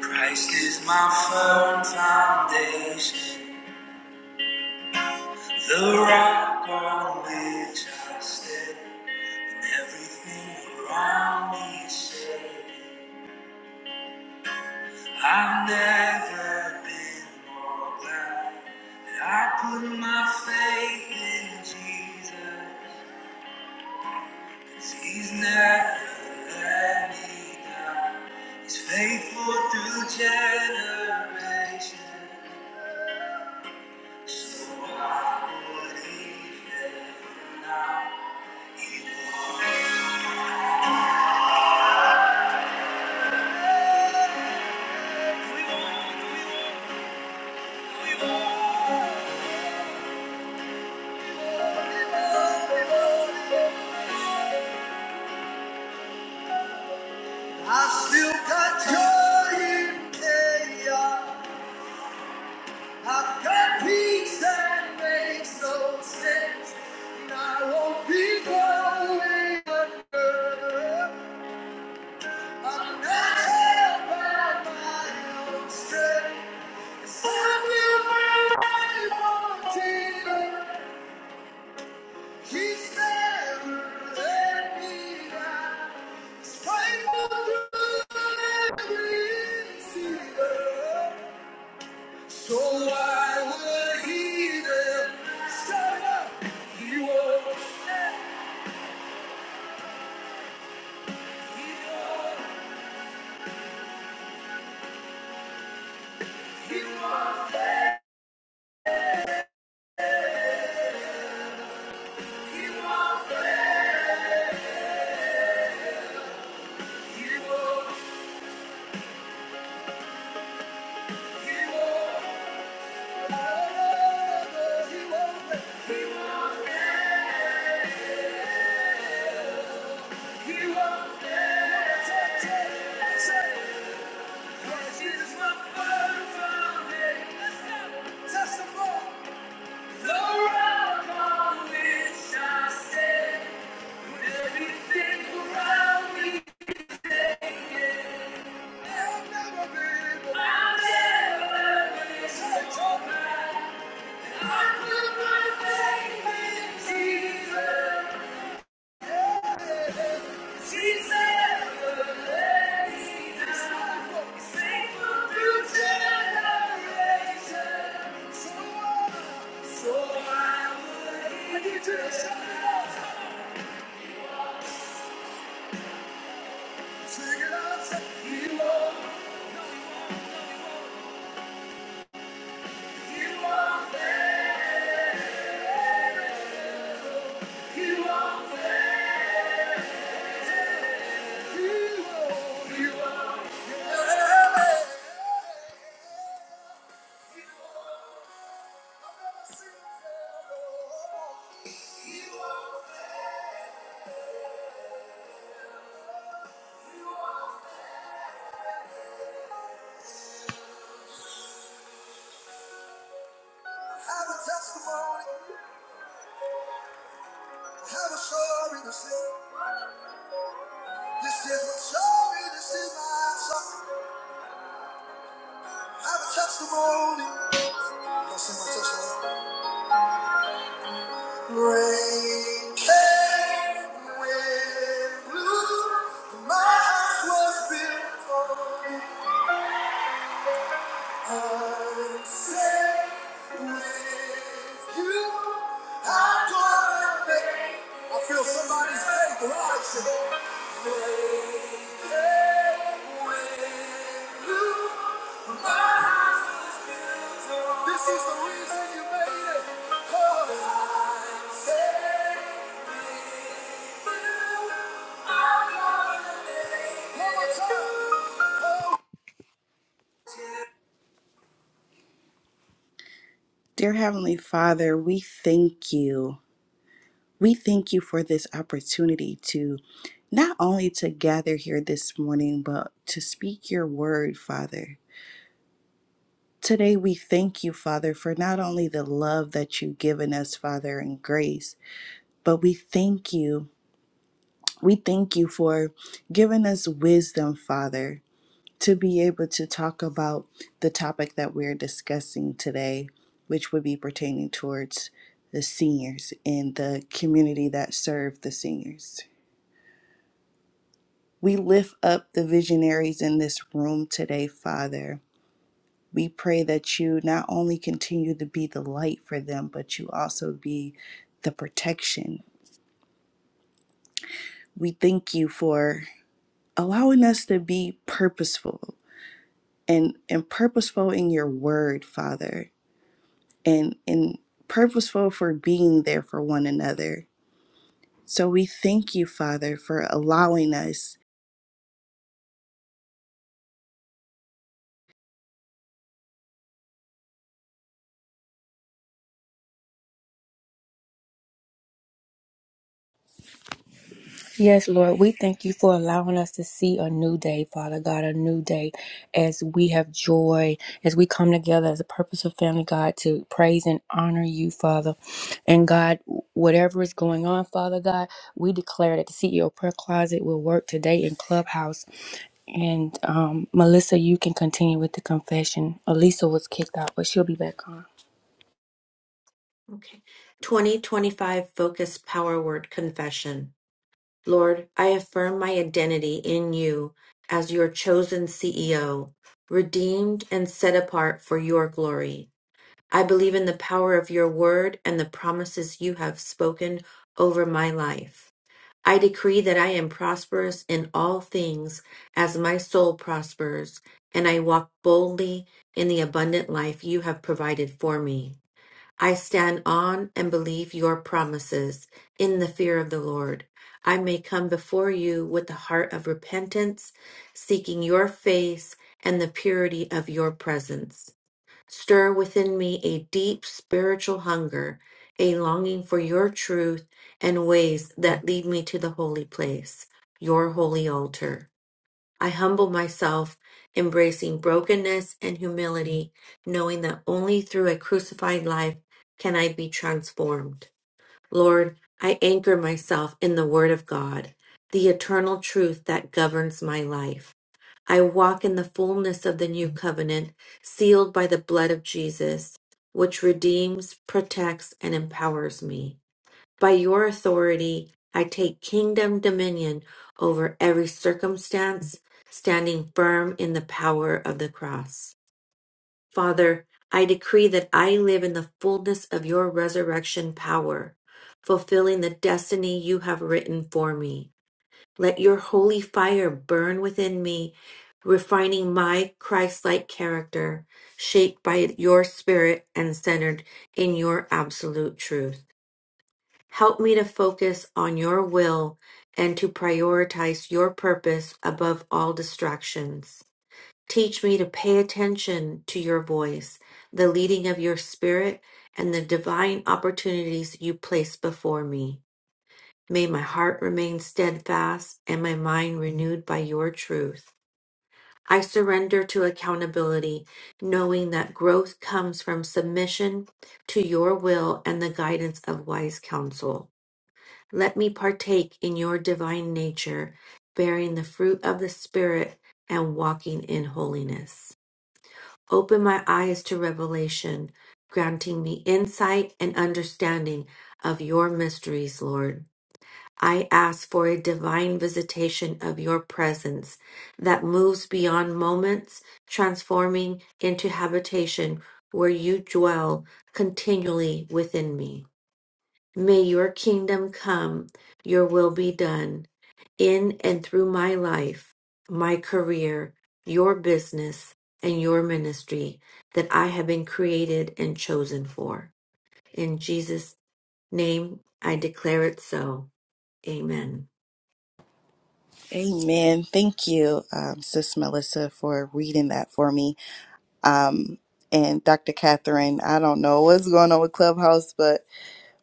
Christ is my firm foundation, the rock on which I stand, and everything around me is shaking. I've never been more glad that I put my faith in Jesus, 'cause He's never let me down. He's faithful through generations. I still got joy in chaos. I've got peace that makes no sense. And I won't be going under. I'm not held by my own strength. I will rely on Jesus. He's never let me down. So why would he then shut up? He was, he was, he was there. He was, he was, he was He was there. He was there. "Cause he's my first love." Testify. The rock on which I stand, when everything around me I've never been, I've never been so I put my faith in Jesus. He's never let me down. He's faithful through generations. So I, so I would. I need Have a testimony, have a story to sing. This is my story, this is my song. I Have a testimony, don't sing my testimony. Rain came, wind blew, my house was built on it. I'm safe with you. I'm gonna make it. I feel somebody's faith rising. Rain came, wind blew, my house was built on This is the reason you made it. 'Cause I'm safe. Dear Heavenly Father, we thank you. We thank you for this opportunity to not only to gather here this morning, but to speak your word, Father. Today we thank you, Father, for not only the love that you've given us, Father, and grace, but we thank you. We thank you for giving us wisdom, Father. to be able to talk about the topic that we're discussing today, which would be pertaining towards the seniors and the community that serve the seniors. We lift up the visionaries in this room today, Father. We pray that you not only continue to be the light for them, but you also be the protection. We thank you for allowing us to be purposeful and, and purposeful in your word, Father and and purposeful for being there for one another. So we thank you, Father, for allowing us. Yes, Lord, we thank you for allowing us to see a new day, Father God, a new day as we have joy, as we come together as a purposeful family, God, to praise and honor you, Father. And God, whatever is going on, Father God, we declare that the CEO prayer closet will work today in Clubhouse. And um, Melissa, you can continue with the confession. Elisa was kicked out, but she'll be back on. Okay. 2025 Focus Power Word Confession. Lord, I affirm my identity in you as your chosen CEO, redeemed and set apart for your glory. I believe in the power of your word and the promises you have spoken over my life. I decree that I am prosperous in all things as my soul prospers, and I walk boldly in the abundant life you have provided for me. I stand on and believe your promises in the fear of the Lord. I may come before you with a heart of repentance, seeking your face and the purity of your presence. Stir within me a deep spiritual hunger, a longing for your truth and ways that lead me to the holy place, your holy altar. I humble myself, embracing brokenness and humility, knowing that only through a crucified life can I be transformed. Lord, I anchor myself in the Word of God, the eternal truth that governs my life. I walk in the fullness of the new covenant, sealed by the blood of Jesus, which redeems, protects, and empowers me. By your authority, I take kingdom dominion over every circumstance, standing firm in the power of the cross. Father, I decree that I live in the fullness of your resurrection power, fulfilling the destiny you have written for me. Let your holy fire burn within me, refining my Christ like character, shaped by your spirit and centered in your absolute truth. Help me to focus on your will and to prioritize your purpose above all distractions. Teach me to pay attention to your voice, the leading of your spirit, and the divine opportunities you place before me. May my heart remain steadfast and my mind renewed by your truth. I surrender to accountability, knowing that growth comes from submission to your will and the guidance of wise counsel. Let me partake in your divine nature, bearing the fruit of the Spirit and walking in holiness. Open my eyes to revelation, granting me insight and understanding of your mysteries, Lord. I ask for a divine visitation of your presence that moves beyond moments, transforming into habitation where you dwell continually within me. May your kingdom come, your will be done in and through my life, my career, your business, and your ministry that I have been created and chosen for. In Jesus' name, I declare it so. Amen. Amen. Thank you, um, Sis Melissa, for reading that for me. Um, and Dr. Catherine, I don't know what's going on with Clubhouse, but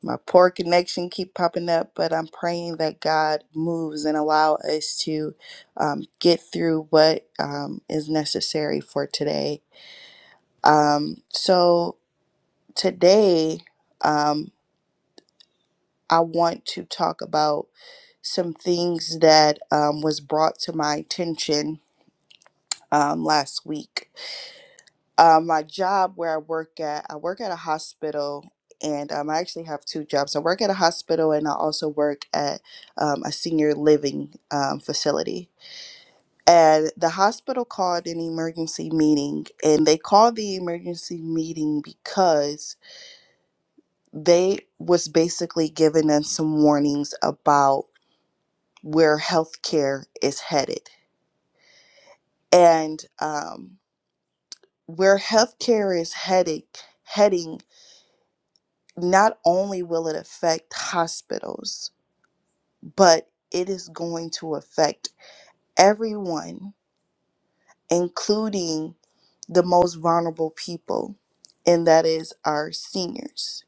my poor connection keep popping up. But I'm praying that God moves and allow us to um, get through what um, is necessary for today. Um, so today, um, I want to talk about some things that um, was brought to my attention um, last week. Um, my job where I work at, I work at a hospital, and um, I actually have two jobs. I work at a hospital, and I also work at um, a senior living um, facility. And the hospital called an emergency meeting, and they called the emergency meeting because they was basically giving us some warnings about where healthcare is headed and um, where healthcare is heading heading not only will it affect hospitals but it is going to affect everyone including the most vulnerable people and that is our seniors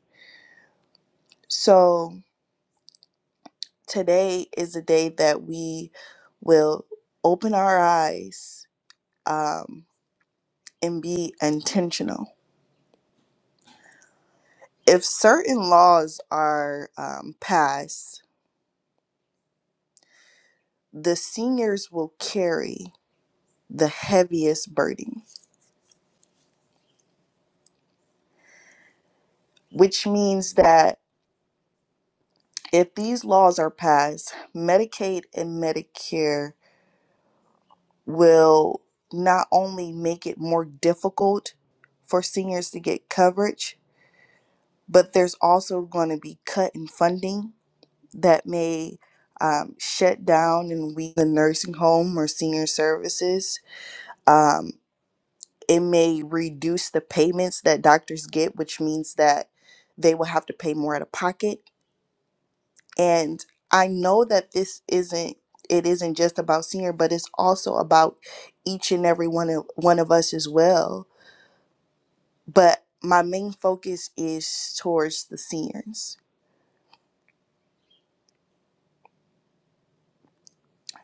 so today is a day that we will open our eyes um, and be intentional if certain laws are um, passed, the seniors will carry the heaviest burden, which means that if these laws are passed, Medicaid and Medicare will not only make it more difficult for seniors to get coverage, but there's also going to be cut in funding that may um, shut down and weaken the nursing home or senior services. Um, it may reduce the payments that doctors get, which means that they will have to pay more out of pocket. And I know that this isn't it isn't just about senior, but it's also about each and every one of one of us as well. But my main focus is towards the seniors.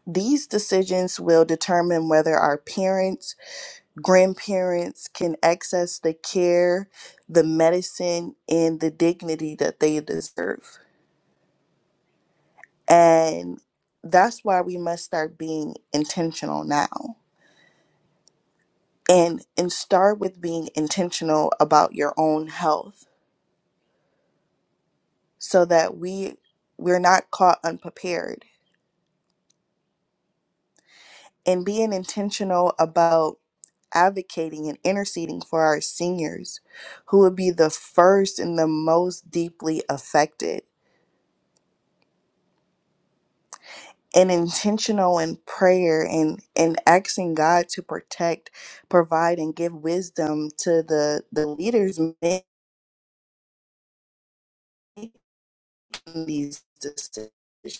These decisions will determine whether our parents, grandparents can access the care, the medicine, and the dignity that they deserve And that's why we must start being intentional now. And and start with being intentional about your own health so that we we're not caught unprepared. And being intentional about advocating and interceding for our seniors who would be the first and the most deeply affected. And intentional in prayer and, and asking God to protect provide and give wisdom to the the leaders making these decisions.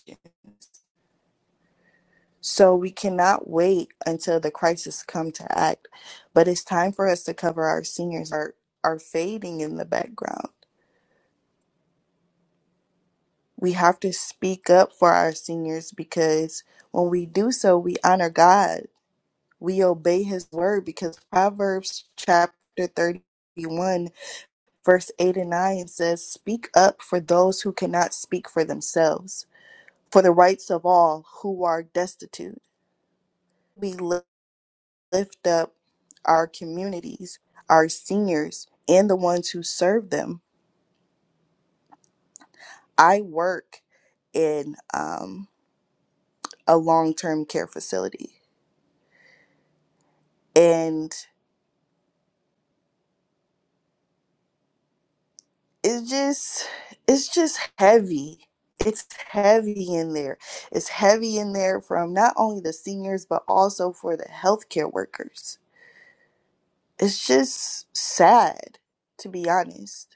So we cannot wait until the crisis come to act, but it's time for us to cover our seniors are are fading in the background. We have to speak up for our seniors because when we do so, we honor God. We obey his word because Proverbs chapter 31 verse 8 and 9 says, "Speak up for those who cannot speak for themselves, for the rights of all who are destitute." we li- lift up our communities, our seniors, and the ones who serve them. I work in um, a long-term care facility, and it's just it's just heavy. It's heavy in there. It's heavy in there from not only the seniors but also for the healthcare workers. It's just sad, to be honest.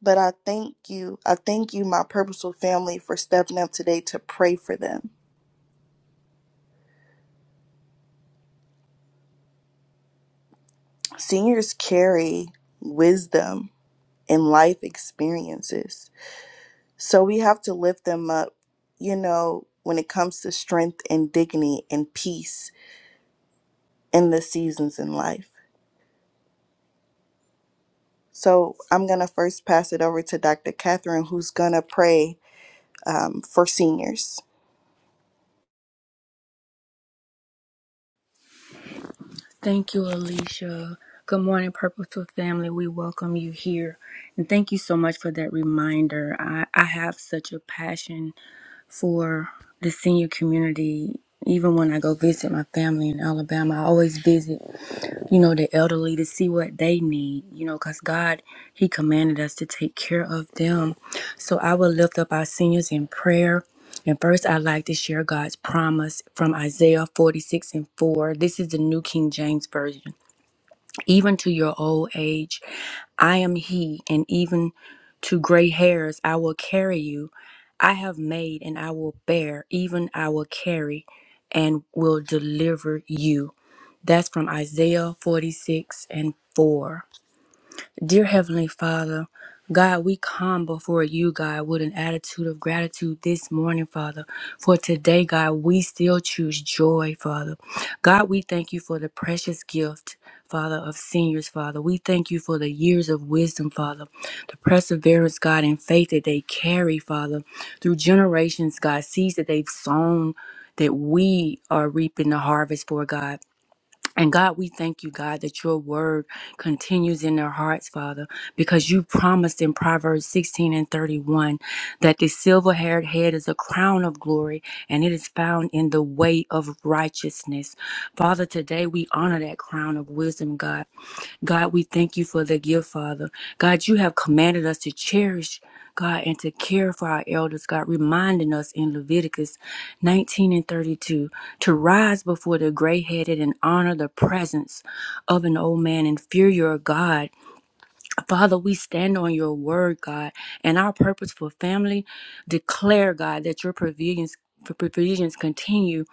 But I thank you. I thank you, my purposeful family, for stepping up today to pray for them. Seniors carry wisdom and life experiences. So we have to lift them up, you know, when it comes to strength and dignity and peace in the seasons in life. So I'm going to first pass it over to Dr. Catherine, who's going to pray um, for seniors. Thank you, Alicia. Good morning, Purposeful Family. We welcome you here. And thank you so much for that reminder. I, I have such a passion for the senior community. Even when I go visit my family in Alabama, I always visit, you know, the elderly to see what they need, you know, because God, He commanded us to take care of them. So I will lift up our seniors in prayer. And first, I'd like to share God's promise from Isaiah 46 and 4. This is the New King James Version even to your old age. I am he, and even to gray hairs I will carry you. I have made and I will bear, even I will carry and will deliver you. That's from Isaiah 46 and 4. Dear Heavenly Father, God, we come before you, God, with an attitude of gratitude this morning, Father. For today, God, we still choose joy, Father. God, we thank you for the precious gift, Father, of seniors, Father. We thank you for the years of wisdom, Father, the perseverance, God, and faith that they carry, Father, through generations, God, seeds that they've sown. That we are reaping the harvest for God. And God, we thank you, God, that your word continues in their hearts, Father, because you promised in Proverbs 16 and 31 that the silver haired head is a crown of glory and it is found in the way of righteousness. Father, today we honor that crown of wisdom, God. God, we thank you for the gift, Father. God, you have commanded us to cherish, God, and to care for our elders, God, reminding us in Leviticus 19 and 32 to rise before the gray headed and honor the presence of an old man and fear your God. Father, we stand on your word, God, and our purpose for family declare, God, that your provisions. provisions continue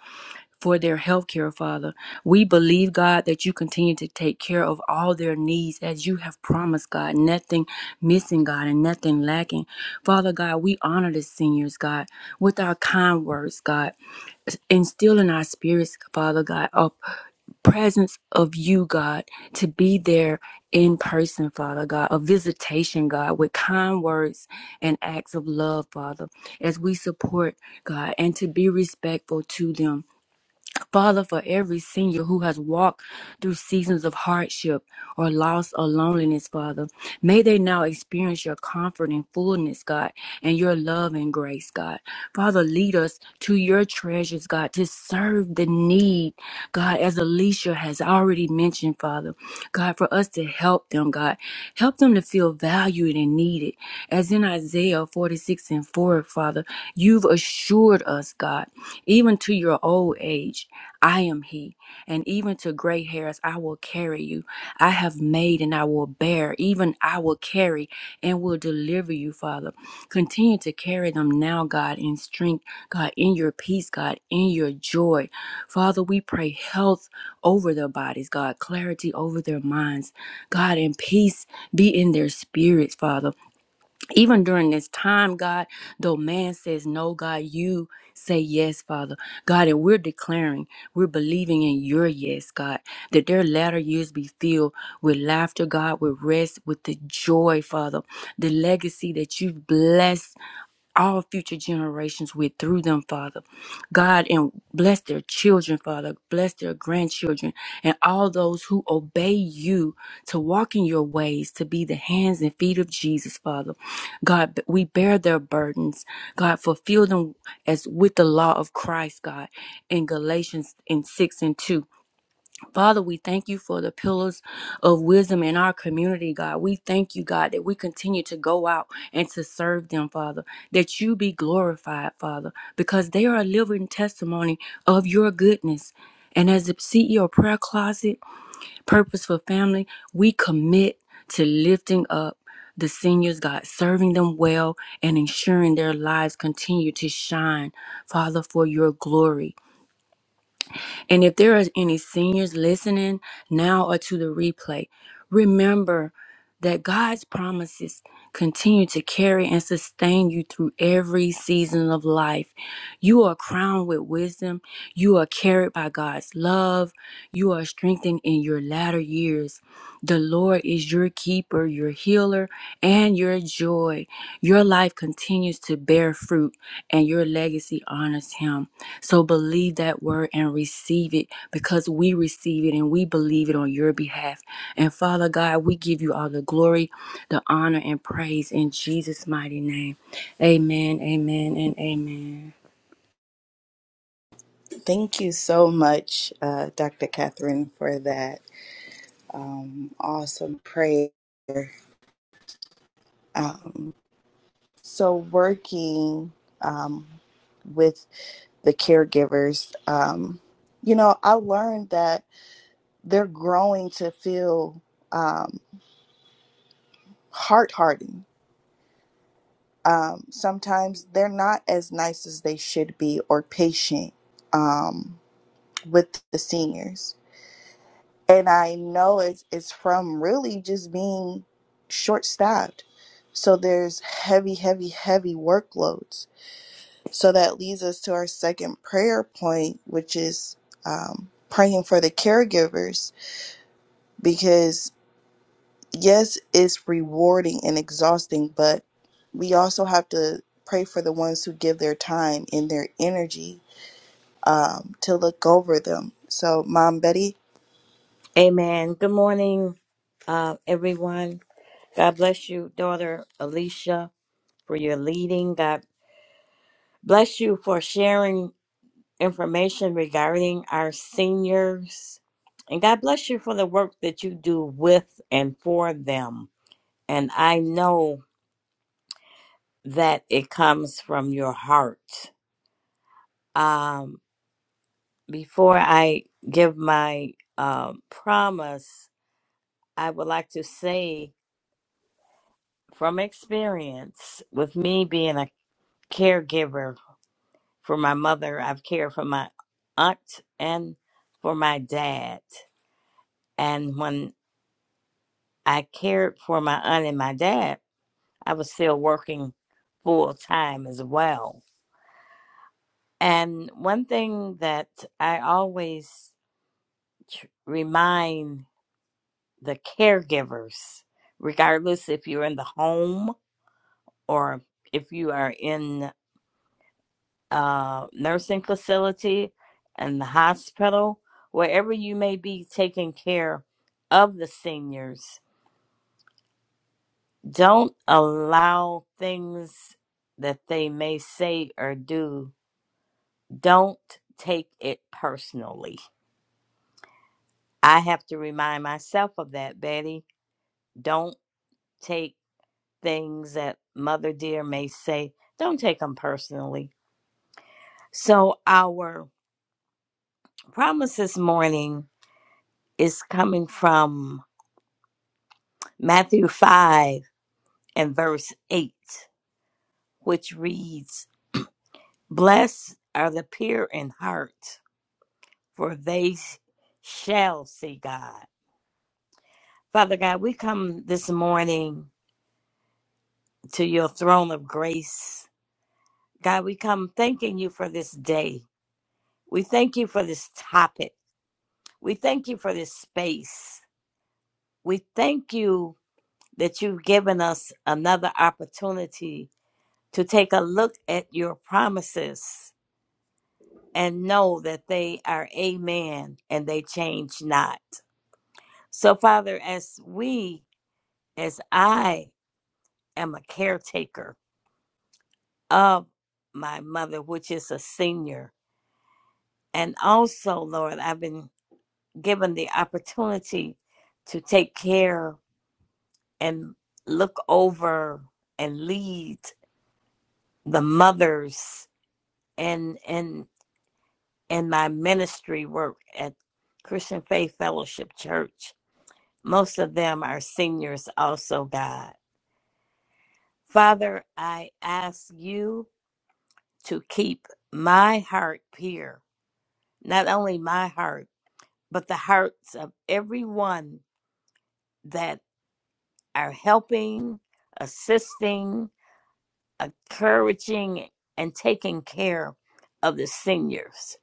for their health care, Father. We believe, God, that you continue to take care of all their needs as you have promised, God. Nothing missing, God, and nothing lacking. Father God, we honor the seniors, God, with our kind words, God. Instill in our spirits, Father God, a presence of you, God, to be there in person, Father God, a visitation, God, with kind words and acts of love, Father, as we support, God, and to be respectful to them. Father, for every senior who has walked through seasons of hardship or loss or loneliness, Father, may they now experience your comfort and fullness, God, and your love and grace, God. Father, lead us to your treasures, God, to serve the need God, as Alicia has already mentioned, Father, God, for us to help them, God, help them to feel valued and needed. As in Isaiah 46 and 4, Father, you've assured us, God, even to your old age, I am He and even to gray hairs I will carry you. I have made and I will bear, even I will carry and will deliver you, Father. Continue to carry them now, God, in strength, God, in your peace, God, in your joy. Father, we pray health over their bodies, God, clarity over their minds, God, and peace be in their spirits, Father even during this time, God, though man says no, God, you say yes, Father. God, and we're declaring, we're believing in your yes, God, that their latter years be filled with laughter, God, with rest, with the joy, Father, the legacy that you've blessed all future generations with through them, Father. God, and bless their children, Father. Bless their grandchildren and all those who obey you to walk in your ways, to be the hands and feet of Jesus, Father. God, we bear their burdens. God, fulfill them as with the law of Christ, God, in Galatians in 6 and 2. Father, we thank you for the pillars of wisdom in our community, God. We thank you, God, that we continue to go out and to serve them, Father, that you be glorified, Father, because they are a living testimony of your goodness. And as the CEO Prayer Closet, Purpose for Family, we commit to lifting up the seniors, God, serving them well and ensuring their lives continue to shine, Father, for your glory. And if there are any seniors listening now or to the replay, remember that God's promises continue to carry and sustain you through every season of life. You are crowned with wisdom. You are carried by God's love. You are strengthened in your latter years. The Lord is your keeper, your healer, and your joy. Your life continues to bear fruit, and your legacy honors Him. So believe that word and receive it because we receive it and we believe it on your behalf. And Father God, we give you all the glory, the honor, and praise in Jesus' mighty name. Amen, amen, and amen. Thank you so much, uh, Dr. Catherine, for that. um, awesome prayer. Um, so, working um, with the caregivers, um, you know, I learned that they're growing to feel um, heart hardened. Um, sometimes they're not as nice as they should be or patient um, with the seniors and I know it's it's from really just being short staffed. So there's heavy, heavy, heavy workloads. So that leads us to our second prayer point, which is um, praying for the caregivers because yes, it's rewarding and exhausting, but we also have to pray for the ones who give their time and their energy um, to look over them. So, Mom Betty, Amen. Good morning, uh, everyone. God bless you, daughter Alicia, for your leading. God bless you for sharing information regarding our seniors. And God bless you for the work that you do with and for them. And I know that it comes from your heart. Um, before I give my um promise, I would like to say from experience with me being a caregiver for my mother, I've cared for my aunt and for my dad. And when I cared for my aunt and my dad, I was still working full time as well. And one thing that I always tr- remind the caregivers, regardless if you're in the home or if you are in uh, nursing facility and the hospital, wherever you may be taking care of the seniors, don't allow things that they may say or do, don't take it personally. I have to remind myself of that, Betty. Don't take things that Mother Dear may say, don't take them personally. So, our promise this morning is coming from Matthew 5 and verse 8, which reads, Blessed are the pure in heart, for they shall see God. Father God, we come this morning to your throne of grace. God, we come thanking you for this day. We thank you for this topic. We thank you for this space. We thank you that you've given us another opportunity to take a look at your promises and know that they are amen and they change not. So, Father, as we, as I am a caretaker of my mother, which is a senior, and also, Lord, I've been given the opportunity to take care and look over and lead the mothers and and and my ministry work at Christian Faith Fellowship Church Most of them are seniors, also, God. Father, I ask you to keep my heart pure, not only my heart, but the hearts of everyone that are helping, assisting, encouraging, and taking care of the seniors.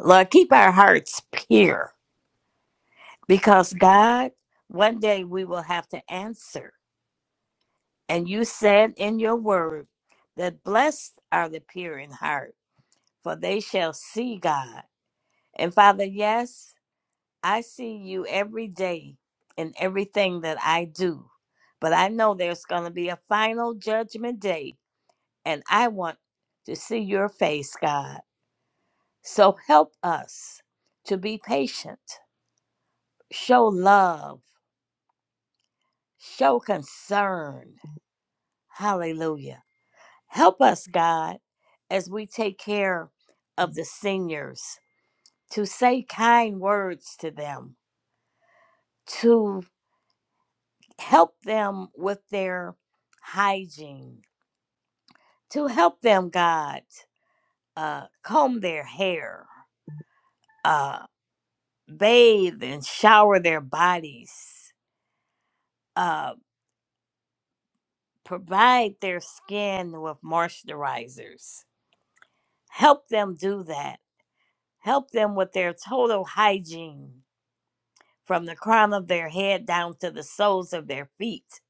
Lord, keep our hearts pure because, God, one day we will have to answer And you said in your word that blessed are the pure in heart, for they shall see God. And Father, yes, I see you every day in everything that I do. But I know there's going to be a final judgment day, and I want to see your face, God. So help us to be patient, show love, show concern. Hallelujah Help us, God, as we take care of the seniors, to say kind words to them, to help them with their hygiene, to help them, God, uh, comb their hair, uh, bathe and shower their bodies, uh, provide their skin with moisturizers. Help them do that. Help them with their total hygiene from the crown of their head down to the soles of their feet,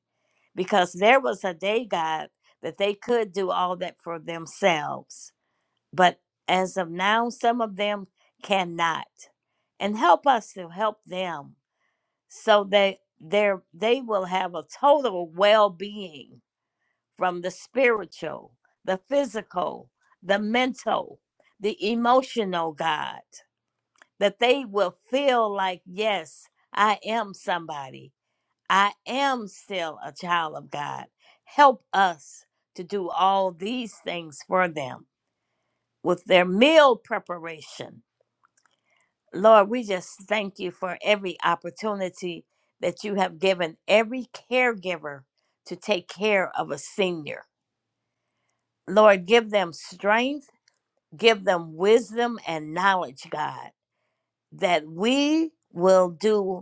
because there was a day, God, that they could do all that for themselves. But as of now, some of them cannot. And help us to help them so that their- they will have a total well being from the spiritual, the physical, the mental, the emotional, God, that they will feel like, yes, I am somebody. I am still a child of God. Help us to do all these things for them with their meal preparation. Lord, we just thank you for every opportunity that you have given every caregiver to take care of a senior. Lord, give them strength, give them wisdom and knowledge, God, that we will do.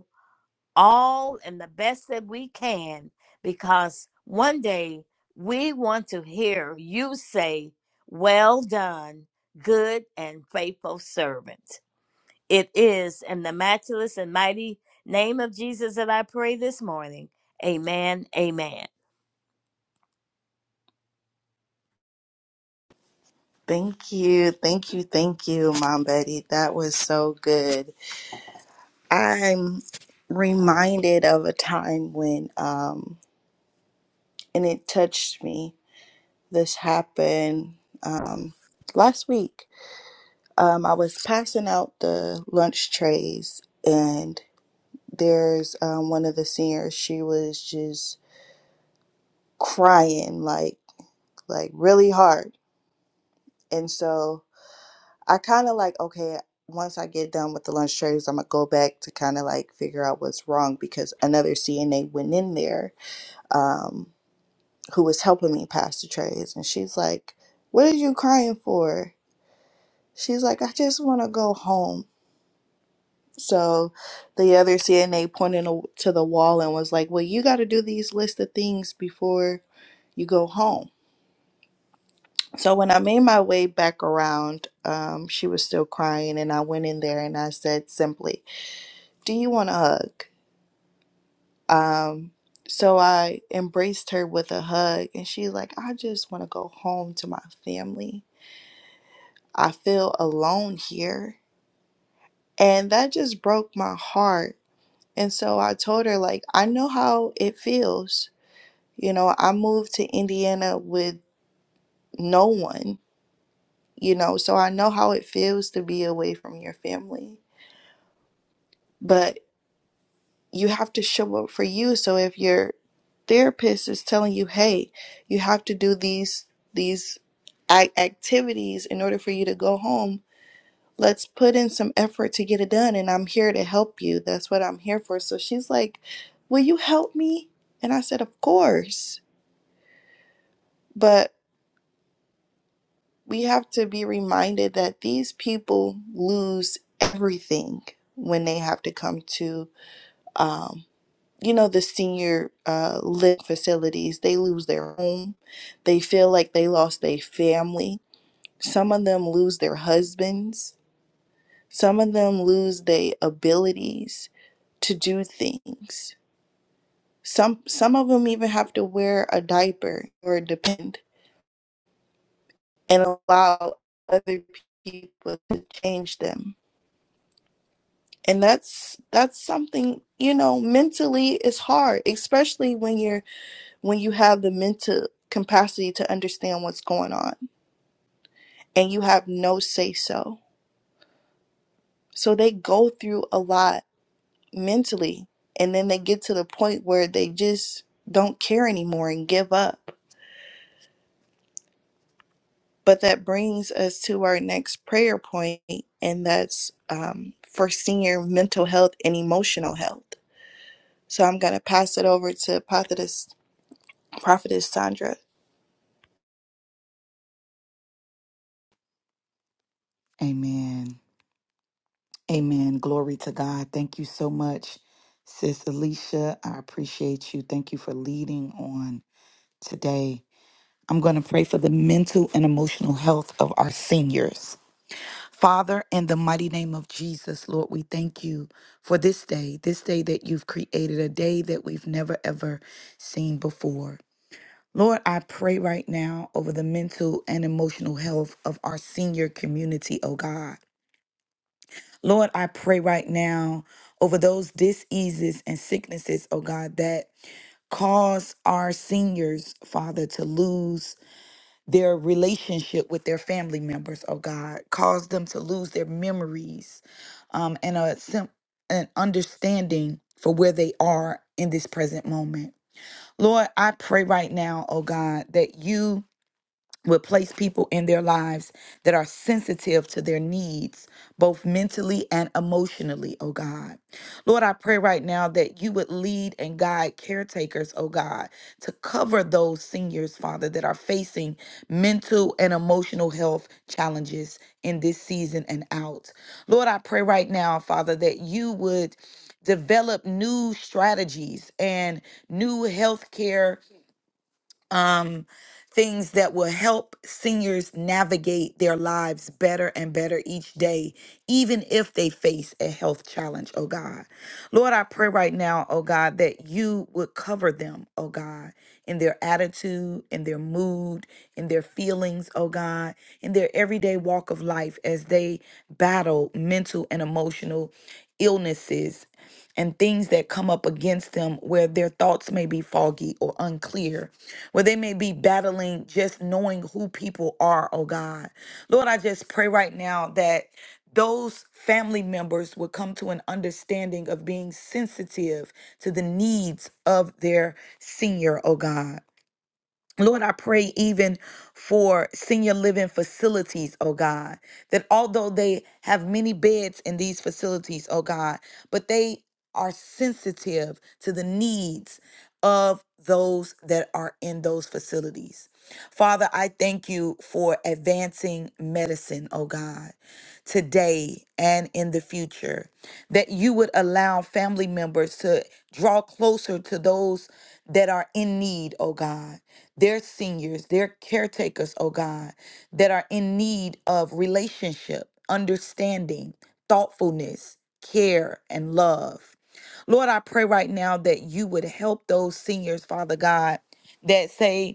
all and the best that we can because one day we want to hear you say, Well done, good and faithful servant. It is in the matchless and mighty name of Jesus that I pray this morning. Amen. Amen. Thank you. Thank you. Thank you, Mom Betty. That was so good. I'm reminded of a time when, um, and it touched me. This happened um, last week. Um, I was passing out the lunch trays, and there's um, one of the seniors. She was just crying like, like really hard. And so I kind of like, okay, once I get done with the lunch trays, I'm gonna go back to kind of like figure out what's wrong because another CNA went in there um, who was helping me pass the trays, and she's like, What are you crying for? She's like, I just want to go home. So the other CNA pointed a- to the wall and was like, Well, you got to do these list of things before you go home. So when I made my way back around, um, she was still crying, and I went in there and I said simply, do you want a hug? Um, so I embraced her with a hug, and she's like, I just want to go home to my family. I feel alone here. And that just broke my heart. And so I told her, like, I know how it feels. You know, I moved to Indiana with no one, you know, so I know how it feels to be away from your family. but." you have to show up for you. So if your therapist is telling you, "Hey, you have to do these these ac- activities in order for you to go home," let's put in some effort to get it done. And I'm here to help you. That's what I'm here for. So she's like, "Will you help me?" And I said, "Of course." But we have to be reminded that these people lose everything when they have to come to. um, you know the senior uh live facilities they lose their home they feel like they lost their family some of them lose their husbands some of them lose their abilities to do things some some of them even have to wear a diaper or depend and allow other people to change them and that's that's something you know mentally it's hard especially when you're when you have the mental capacity to understand what's going on and you have no say so. So they go through a lot mentally and then they get to the point where they just don't care anymore and give up. But that brings us to our next prayer point, and that's um, for senior mental health and emotional health. So I'm going to pass it over to Prophetess, Prophetess Sandra. Amen. Amen. Glory to God. Thank you so much, Sis Alicia. I appreciate you. Thank you for leading on today. I'm going to pray for the mental and emotional health of our seniors. Father, in the mighty name of Jesus, Lord, we thank you for this day, this day that you've created, a day that we've never ever seen before. Lord, I pray right now over the mental and emotional health of our senior community, oh God. Lord, I pray right now over those diseases and sicknesses, oh God, that cause our seniors, Father, to lose their relationship with their family members, oh God, cause them to lose their memories um, and a, sim- an understanding for where they are in this present moment. Lord, I pray right now, oh God, that you will place people in their lives that are sensitive to their needs, both mentally and emotionally, oh God. Lord, I pray right now that you would lead and guide caretakers, oh God, to cover those seniors, Father, that are facing mental and emotional health challenges in this season and out. Lord, I pray right now, Father, that you would develop new strategies and new healthcare um, things that will help seniors navigate their lives better and better each day, even if they face a health challenge, oh God. Lord, I pray right now, oh God, that you would cover them, oh God, in their attitude, in their mood, in their feelings, oh God, in their everyday walk of life as they battle mental and emotional illnesses and things that come up against them where their thoughts may be foggy or unclear, where they may be battling just knowing who people are, oh God. Lord, I just pray right now that those family members would come to an understanding of being sensitive to the needs of their senior, oh God. Lord, I pray even for senior living facilities, oh God, that although they have many beds in these facilities, oh God, but they are sensitive to the needs of those that are in those facilities. Father, I thank you for advancing medicine, oh God, today and in the future, that you would allow family members to draw closer to those that are in need, oh God their seniors, their caretakers, oh God, that are in need of relationship, understanding, thoughtfulness, care, and love. Lord, I pray right now that you would help those seniors, Father God, that say,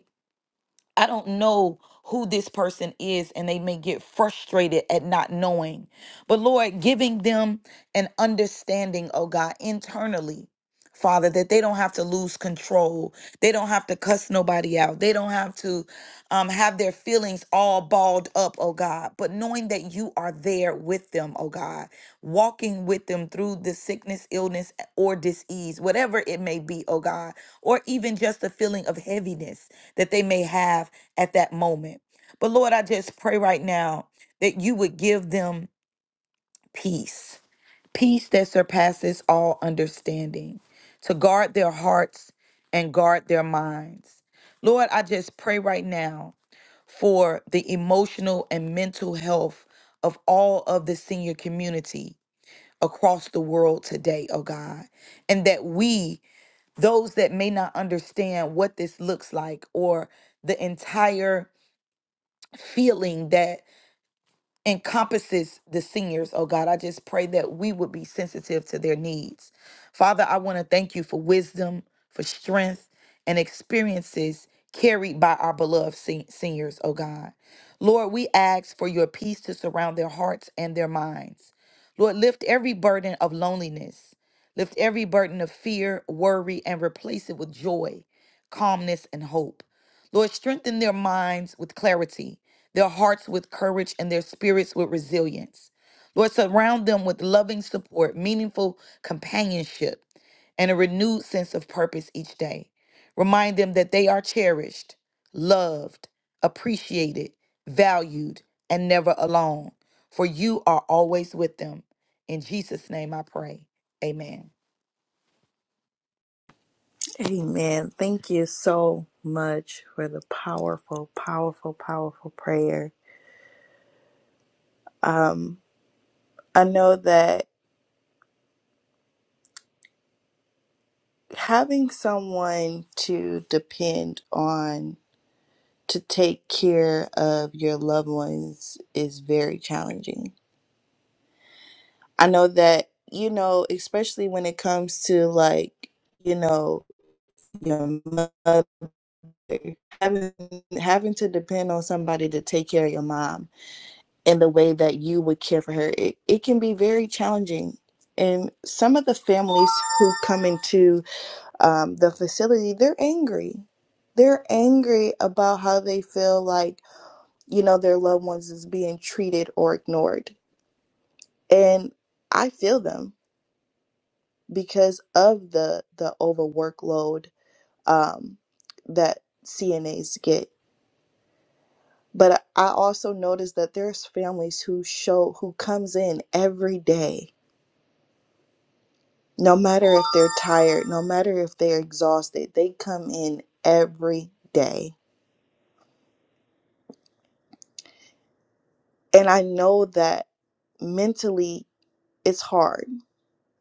I don't know who this person is, and they may get frustrated at not knowing. But Lord, giving them an understanding, oh God, internally, Father, that they don't have to lose control. They don't have to cuss nobody out. They don't have to um, have their feelings all balled up, oh God. But knowing that you are there with them, oh God, walking with them through the sickness, illness, or disease, whatever it may be, oh God, or even just the feeling of heaviness that they may have at that moment. But Lord, I just pray right now that you would give them peace, peace that surpasses all understanding, to guard their hearts and guard their minds. Lord, I just pray right now for the emotional and mental health of all of the senior community across the world today, oh God. And that we, those that may not understand what this looks like or the entire feeling that encompasses the seniors, oh God. I just pray that we would be sensitive to their needs. Father, I want to thank you for wisdom, for strength, and experiences carried by our beloved sen- seniors, oh God. Lord, we ask for your peace to surround their hearts and their minds. Lord, lift every burden of loneliness, lift every burden of fear, worry, and replace it with joy, calmness, and hope. Lord, strengthen their minds with clarity, their hearts with courage, and their spirits with resilience. Lord, surround them with loving support, meaningful companionship, and a renewed sense of purpose each day. Remind them that they are cherished, loved, appreciated, valued, and never alone, for you are always with them. In Jesus' name I pray. Amen. Amen. Thank you so much for the powerful, powerful, powerful prayer. Um, I know that having someone to depend on to take care of your loved ones is very challenging. I know that, you know, especially when it comes to like, you know, your mother having having to depend on somebody to take care of your mom and the way that you would care for her it, it can be very challenging and some of the families who come into um, the facility they're angry they're angry about how they feel like you know their loved ones is being treated or ignored and i feel them because of the the overworkload um, that cnas get but i also notice that there's families who show who comes in every day No matter if they're tired, no matter if they're exhausted, they come in every day. And I know that mentally it's hard,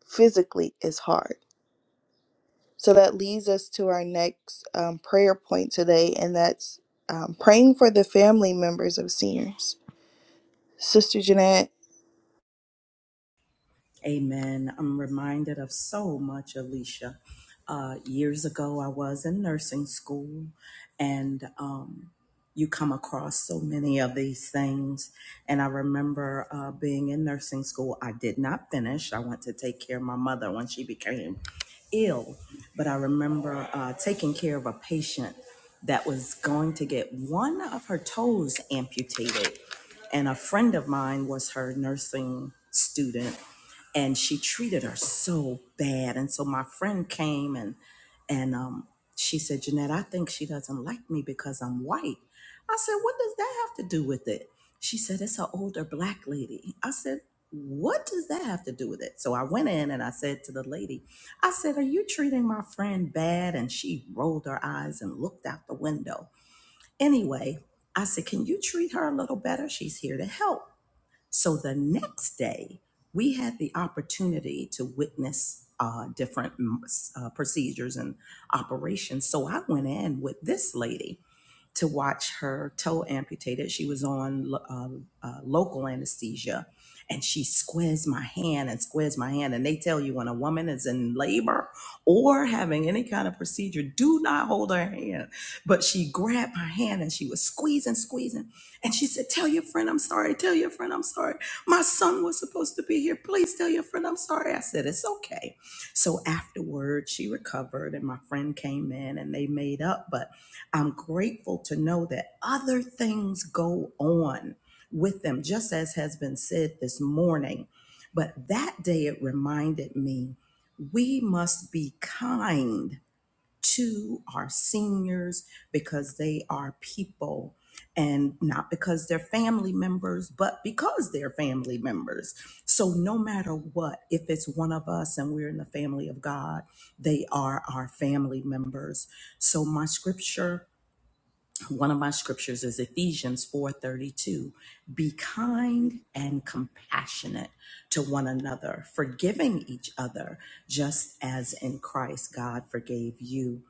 physically it's hard. So that leads us to our next um, prayer point today, and that's um, praying for the family members of seniors. Sister Jeanette. Amen. I'm reminded of so much, Alicia. Uh, years ago, I was in nursing school, and um, you come across so many of these things. And I remember uh, being in nursing school. I did not finish. I went to take care of my mother when she became ill, but I remember uh, taking care of a patient that was going to get one of her toes amputated. And a friend of mine was her nursing student and she treated her so bad. And so my friend came and and um, she said, Jeanette, I think she doesn't like me because I'm white. I said, What does that have to do with it? She said, It's an older black lady. I said, What does that have to do with it? So I went in and I said to the lady, I said, Are you treating my friend bad? And she rolled her eyes and looked out the window. Anyway, I said, Can you treat her a little better? She's here to help. So the next day, we had the opportunity to witness uh, different mm, s- uh, procedures and operations. So I went in with this lady to watch her toe amputated. She was on lo- um, uh, local anesthesia and she squeezed my hand and squeezed my hand. And they tell you when a woman is in labor or having any kind of procedure, do not hold her hand. But she grabbed my hand and she was squeezing, squeezing. And she said, Tell your friend I'm sorry. Tell your friend I'm sorry. My son was supposed to be here. Please tell your friend I'm sorry. I said, It's okay. So afterwards, she recovered and my friend came in and they made up. But I'm grateful to know that other things go on with them, just as has been said this morning. But that day it reminded me we must be kind to our seniors because they are people and not because they're family members, but because they're family members. So, no matter what, if it's one of us and we're in the family of God, they are our family members. So, my scripture one of my scriptures is Ephesians 4:32. Be kind and compassionate to one another, forgiving each other, just as in Christ God forgave you.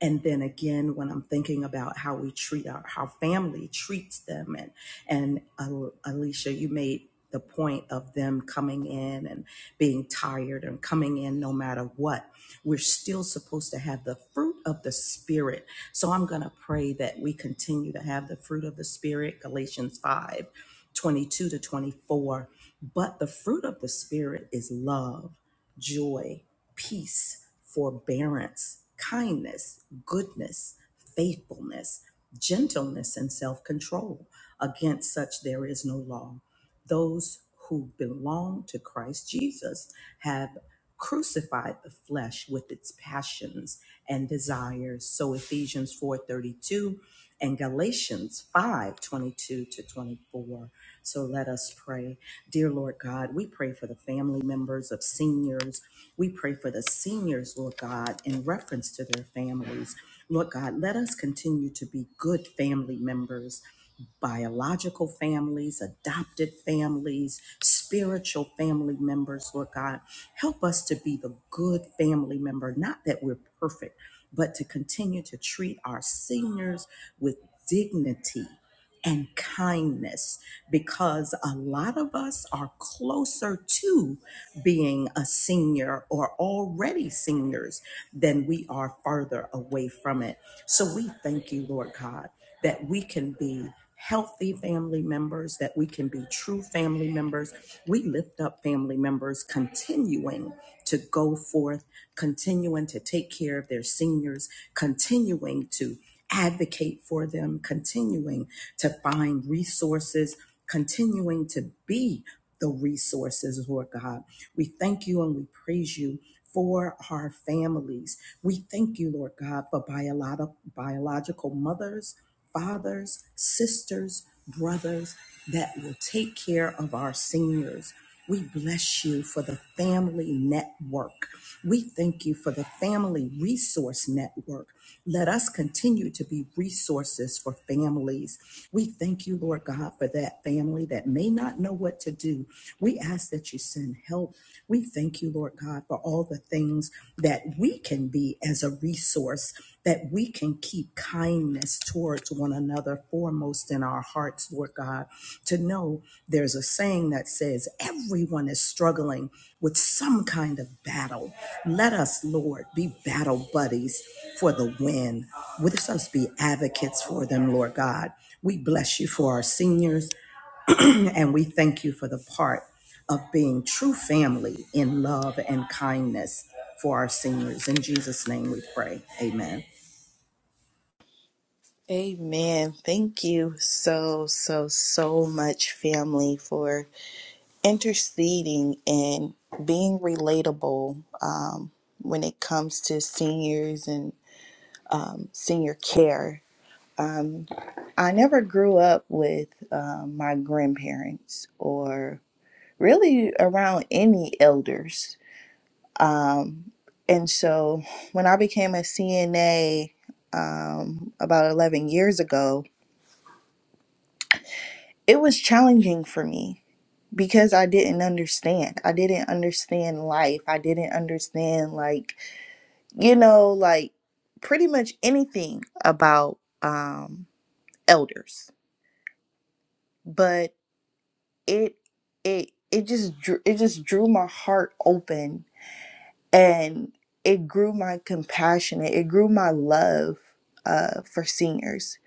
And then again, when I'm thinking about how we treat our how family treats them, and and uh, Alicia, you made the point of them coming in and being tired and coming in no matter what. We're still supposed to have the fruit of the spirit so I'm going to pray that we continue to have the fruit of the Spirit, Galatians 5, 22 to 24. But the fruit of the Spirit is love, joy, peace, forbearance, kindness, goodness, faithfulness, gentleness, and self control. Against such there is no law. Those who belong to Christ Jesus have crucified the flesh with its passions and desires. So Ephesians 4:32 and Galatians 5:22 to 24. So let us pray. Dear Lord God, we pray for the family members of seniors. We pray for the seniors, Lord God, in reference to their families. Lord God, let us continue to be good family members biological families, adopted families, spiritual family members, Lord God. Help us to be the good family member, not that we're perfect, but to continue to treat our seniors with dignity and kindness because a lot of us are closer to being a senior or already seniors than we are further away from it. So we thank you, Lord God, that we can be healthy family members, that we can be true family members. We lift up family members continuing to go forth, continuing to take care of their seniors, continuing to advocate for them, continuing to find resources, continuing to be the resources, Lord God. We thank you and we praise you for our families. We thank you, Lord God, for biolo- biological mothers, fathers, sisters, brothers that will take care of our seniors. We bless you for the family network. We thank you for the family resource network. Let us continue to be resources for families we thank you, Lord God, for that family that may not know what to do. We ask that you send help. We thank you, Lord God, for all the things that we can be as a resource, that we can keep kindness towards one another foremost in our hearts, Lord God. To know there's a saying that says, everyone is struggling with some kind of battle. Let us, Lord, be battle buddies for the win. Let us be advocates for them, Lord God. We bless you for our seniors and we thank you for the part of being true family in love and kindness for our seniors. In Jesus' name we pray. Amen. Amen. Thank you so, so, so much, family, for interceding and being relatable um, when it comes to seniors and um, senior care. Um, I never grew up with um, my grandparents or really around any elders. Um, and so when I became a CNA um, about 11 years ago, it was challenging for me because I didn't understand. I didn't understand life. I didn't understand like, you know, like pretty much anything about um elders. But it it it just drew it just drew my heart open and it grew my compassion. It grew my love uh for seniors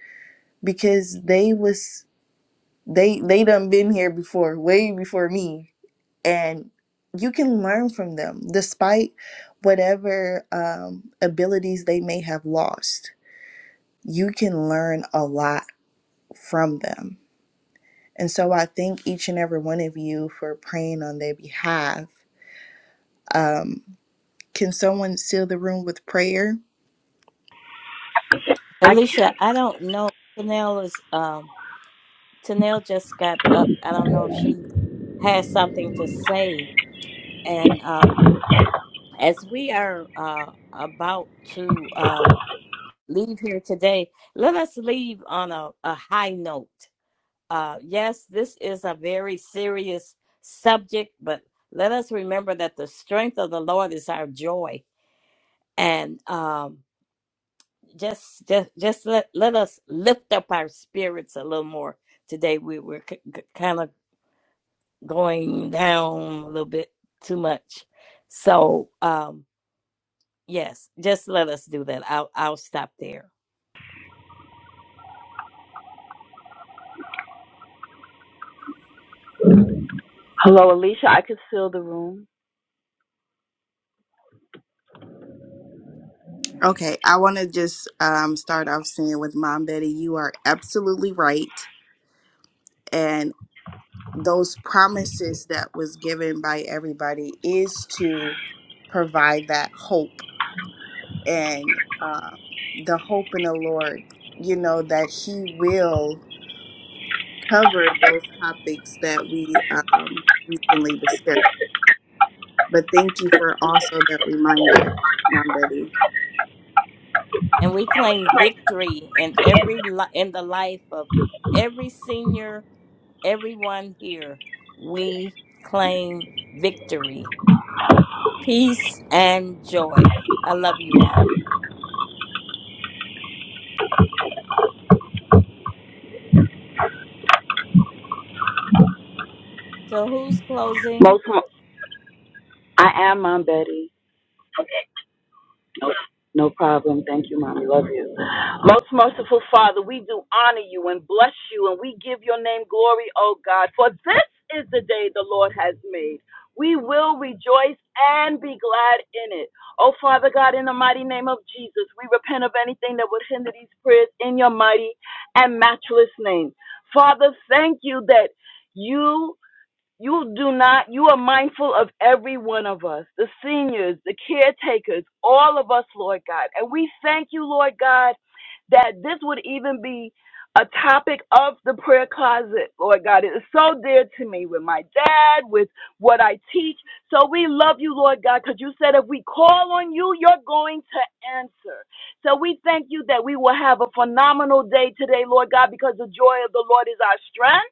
because they was they they done been here before, way before me and you can learn from them despite whatever um, abilities they may have lost. You can learn a lot from them. And so I thank each and every one of you for praying on their behalf. Um, can someone seal the room with prayer? I Alicia, can. I don't know. Tanel is um Tanel just got up. I don't know if she has something to say. And um as we are uh about to um leave here today, let us leave on a, a high note. Uh, yes, this is a very serious subject, but let us remember that the strength of the Lord is our joy. And um, just, just, just let, let us lift up our spirits a little more today. We were c- c- kind of going down a little bit too much. So, um, Yes, just let us do that. I'll I'll stop there. Hello, Alicia. I can fill the room. Okay, I want to just um, start off saying with Mom Betty, you are absolutely right. And those promises that was given by everybody is to provide that hope and uh, the hope in the Lord, you know, that He will cover those topics that we um, recently discussed. But thank you for also that reminder, Mom Betty. And we claim victory in every li- in the life of every senior, everyone here. We claim victory. peace, and joy. I love you all. So, who's closing? Most. Mo- I am Mom Betty. No, no problem. Thank you, Mommy. Love you. Most merciful Father, we do honor you and bless you, and we give your name glory, O God. For this is the day the Lord has made. We will rejoice and be glad in it. Oh, Father God, in the mighty name of Jesus, we repent of anything that would hinder these prayers in your mighty and matchless name. Father, thank you that you You do not, you are mindful of every one of us, the seniors, the caretakers, all of us, Lord God. And we thank you, Lord God, that this would even be a topic of the prayer closet, Lord God. It is so dear to me with my dad, with what I teach. So we love you, Lord God, because you said if we call on you, you're going to answer. So we thank you that we will have a phenomenal day today, Lord God, because the joy of the Lord is our strength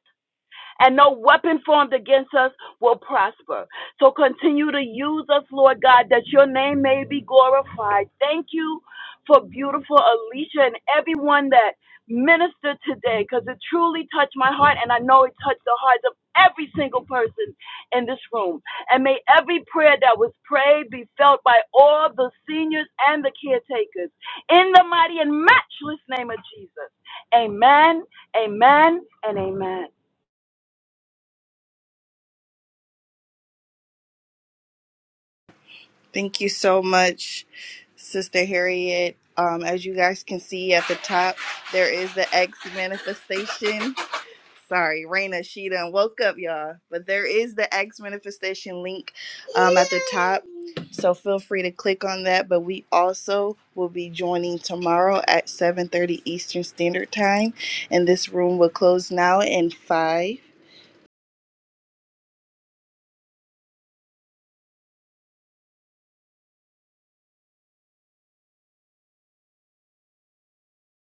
and no weapon formed against us will prosper. So continue to use us, Lord God, that your name may be glorified. Thank you for beautiful Alicia and everyone that ministered today because it truly touched my heart and I know it touched the hearts of every single person in this room. And may every prayer that was prayed be felt by all the seniors and the caretakers in the mighty and matchless name of Jesus. Amen, amen, and amen. Thank you so much, Sister Harriet. Um, as you guys can see at the top, there is the X manifestation. Sorry, Raina, she done woke up, y'all. But there is the X manifestation link um, at the top. So feel free to click on that. But we also will be joining tomorrow at 7.30 Eastern Standard Time. And this room will close now in 5,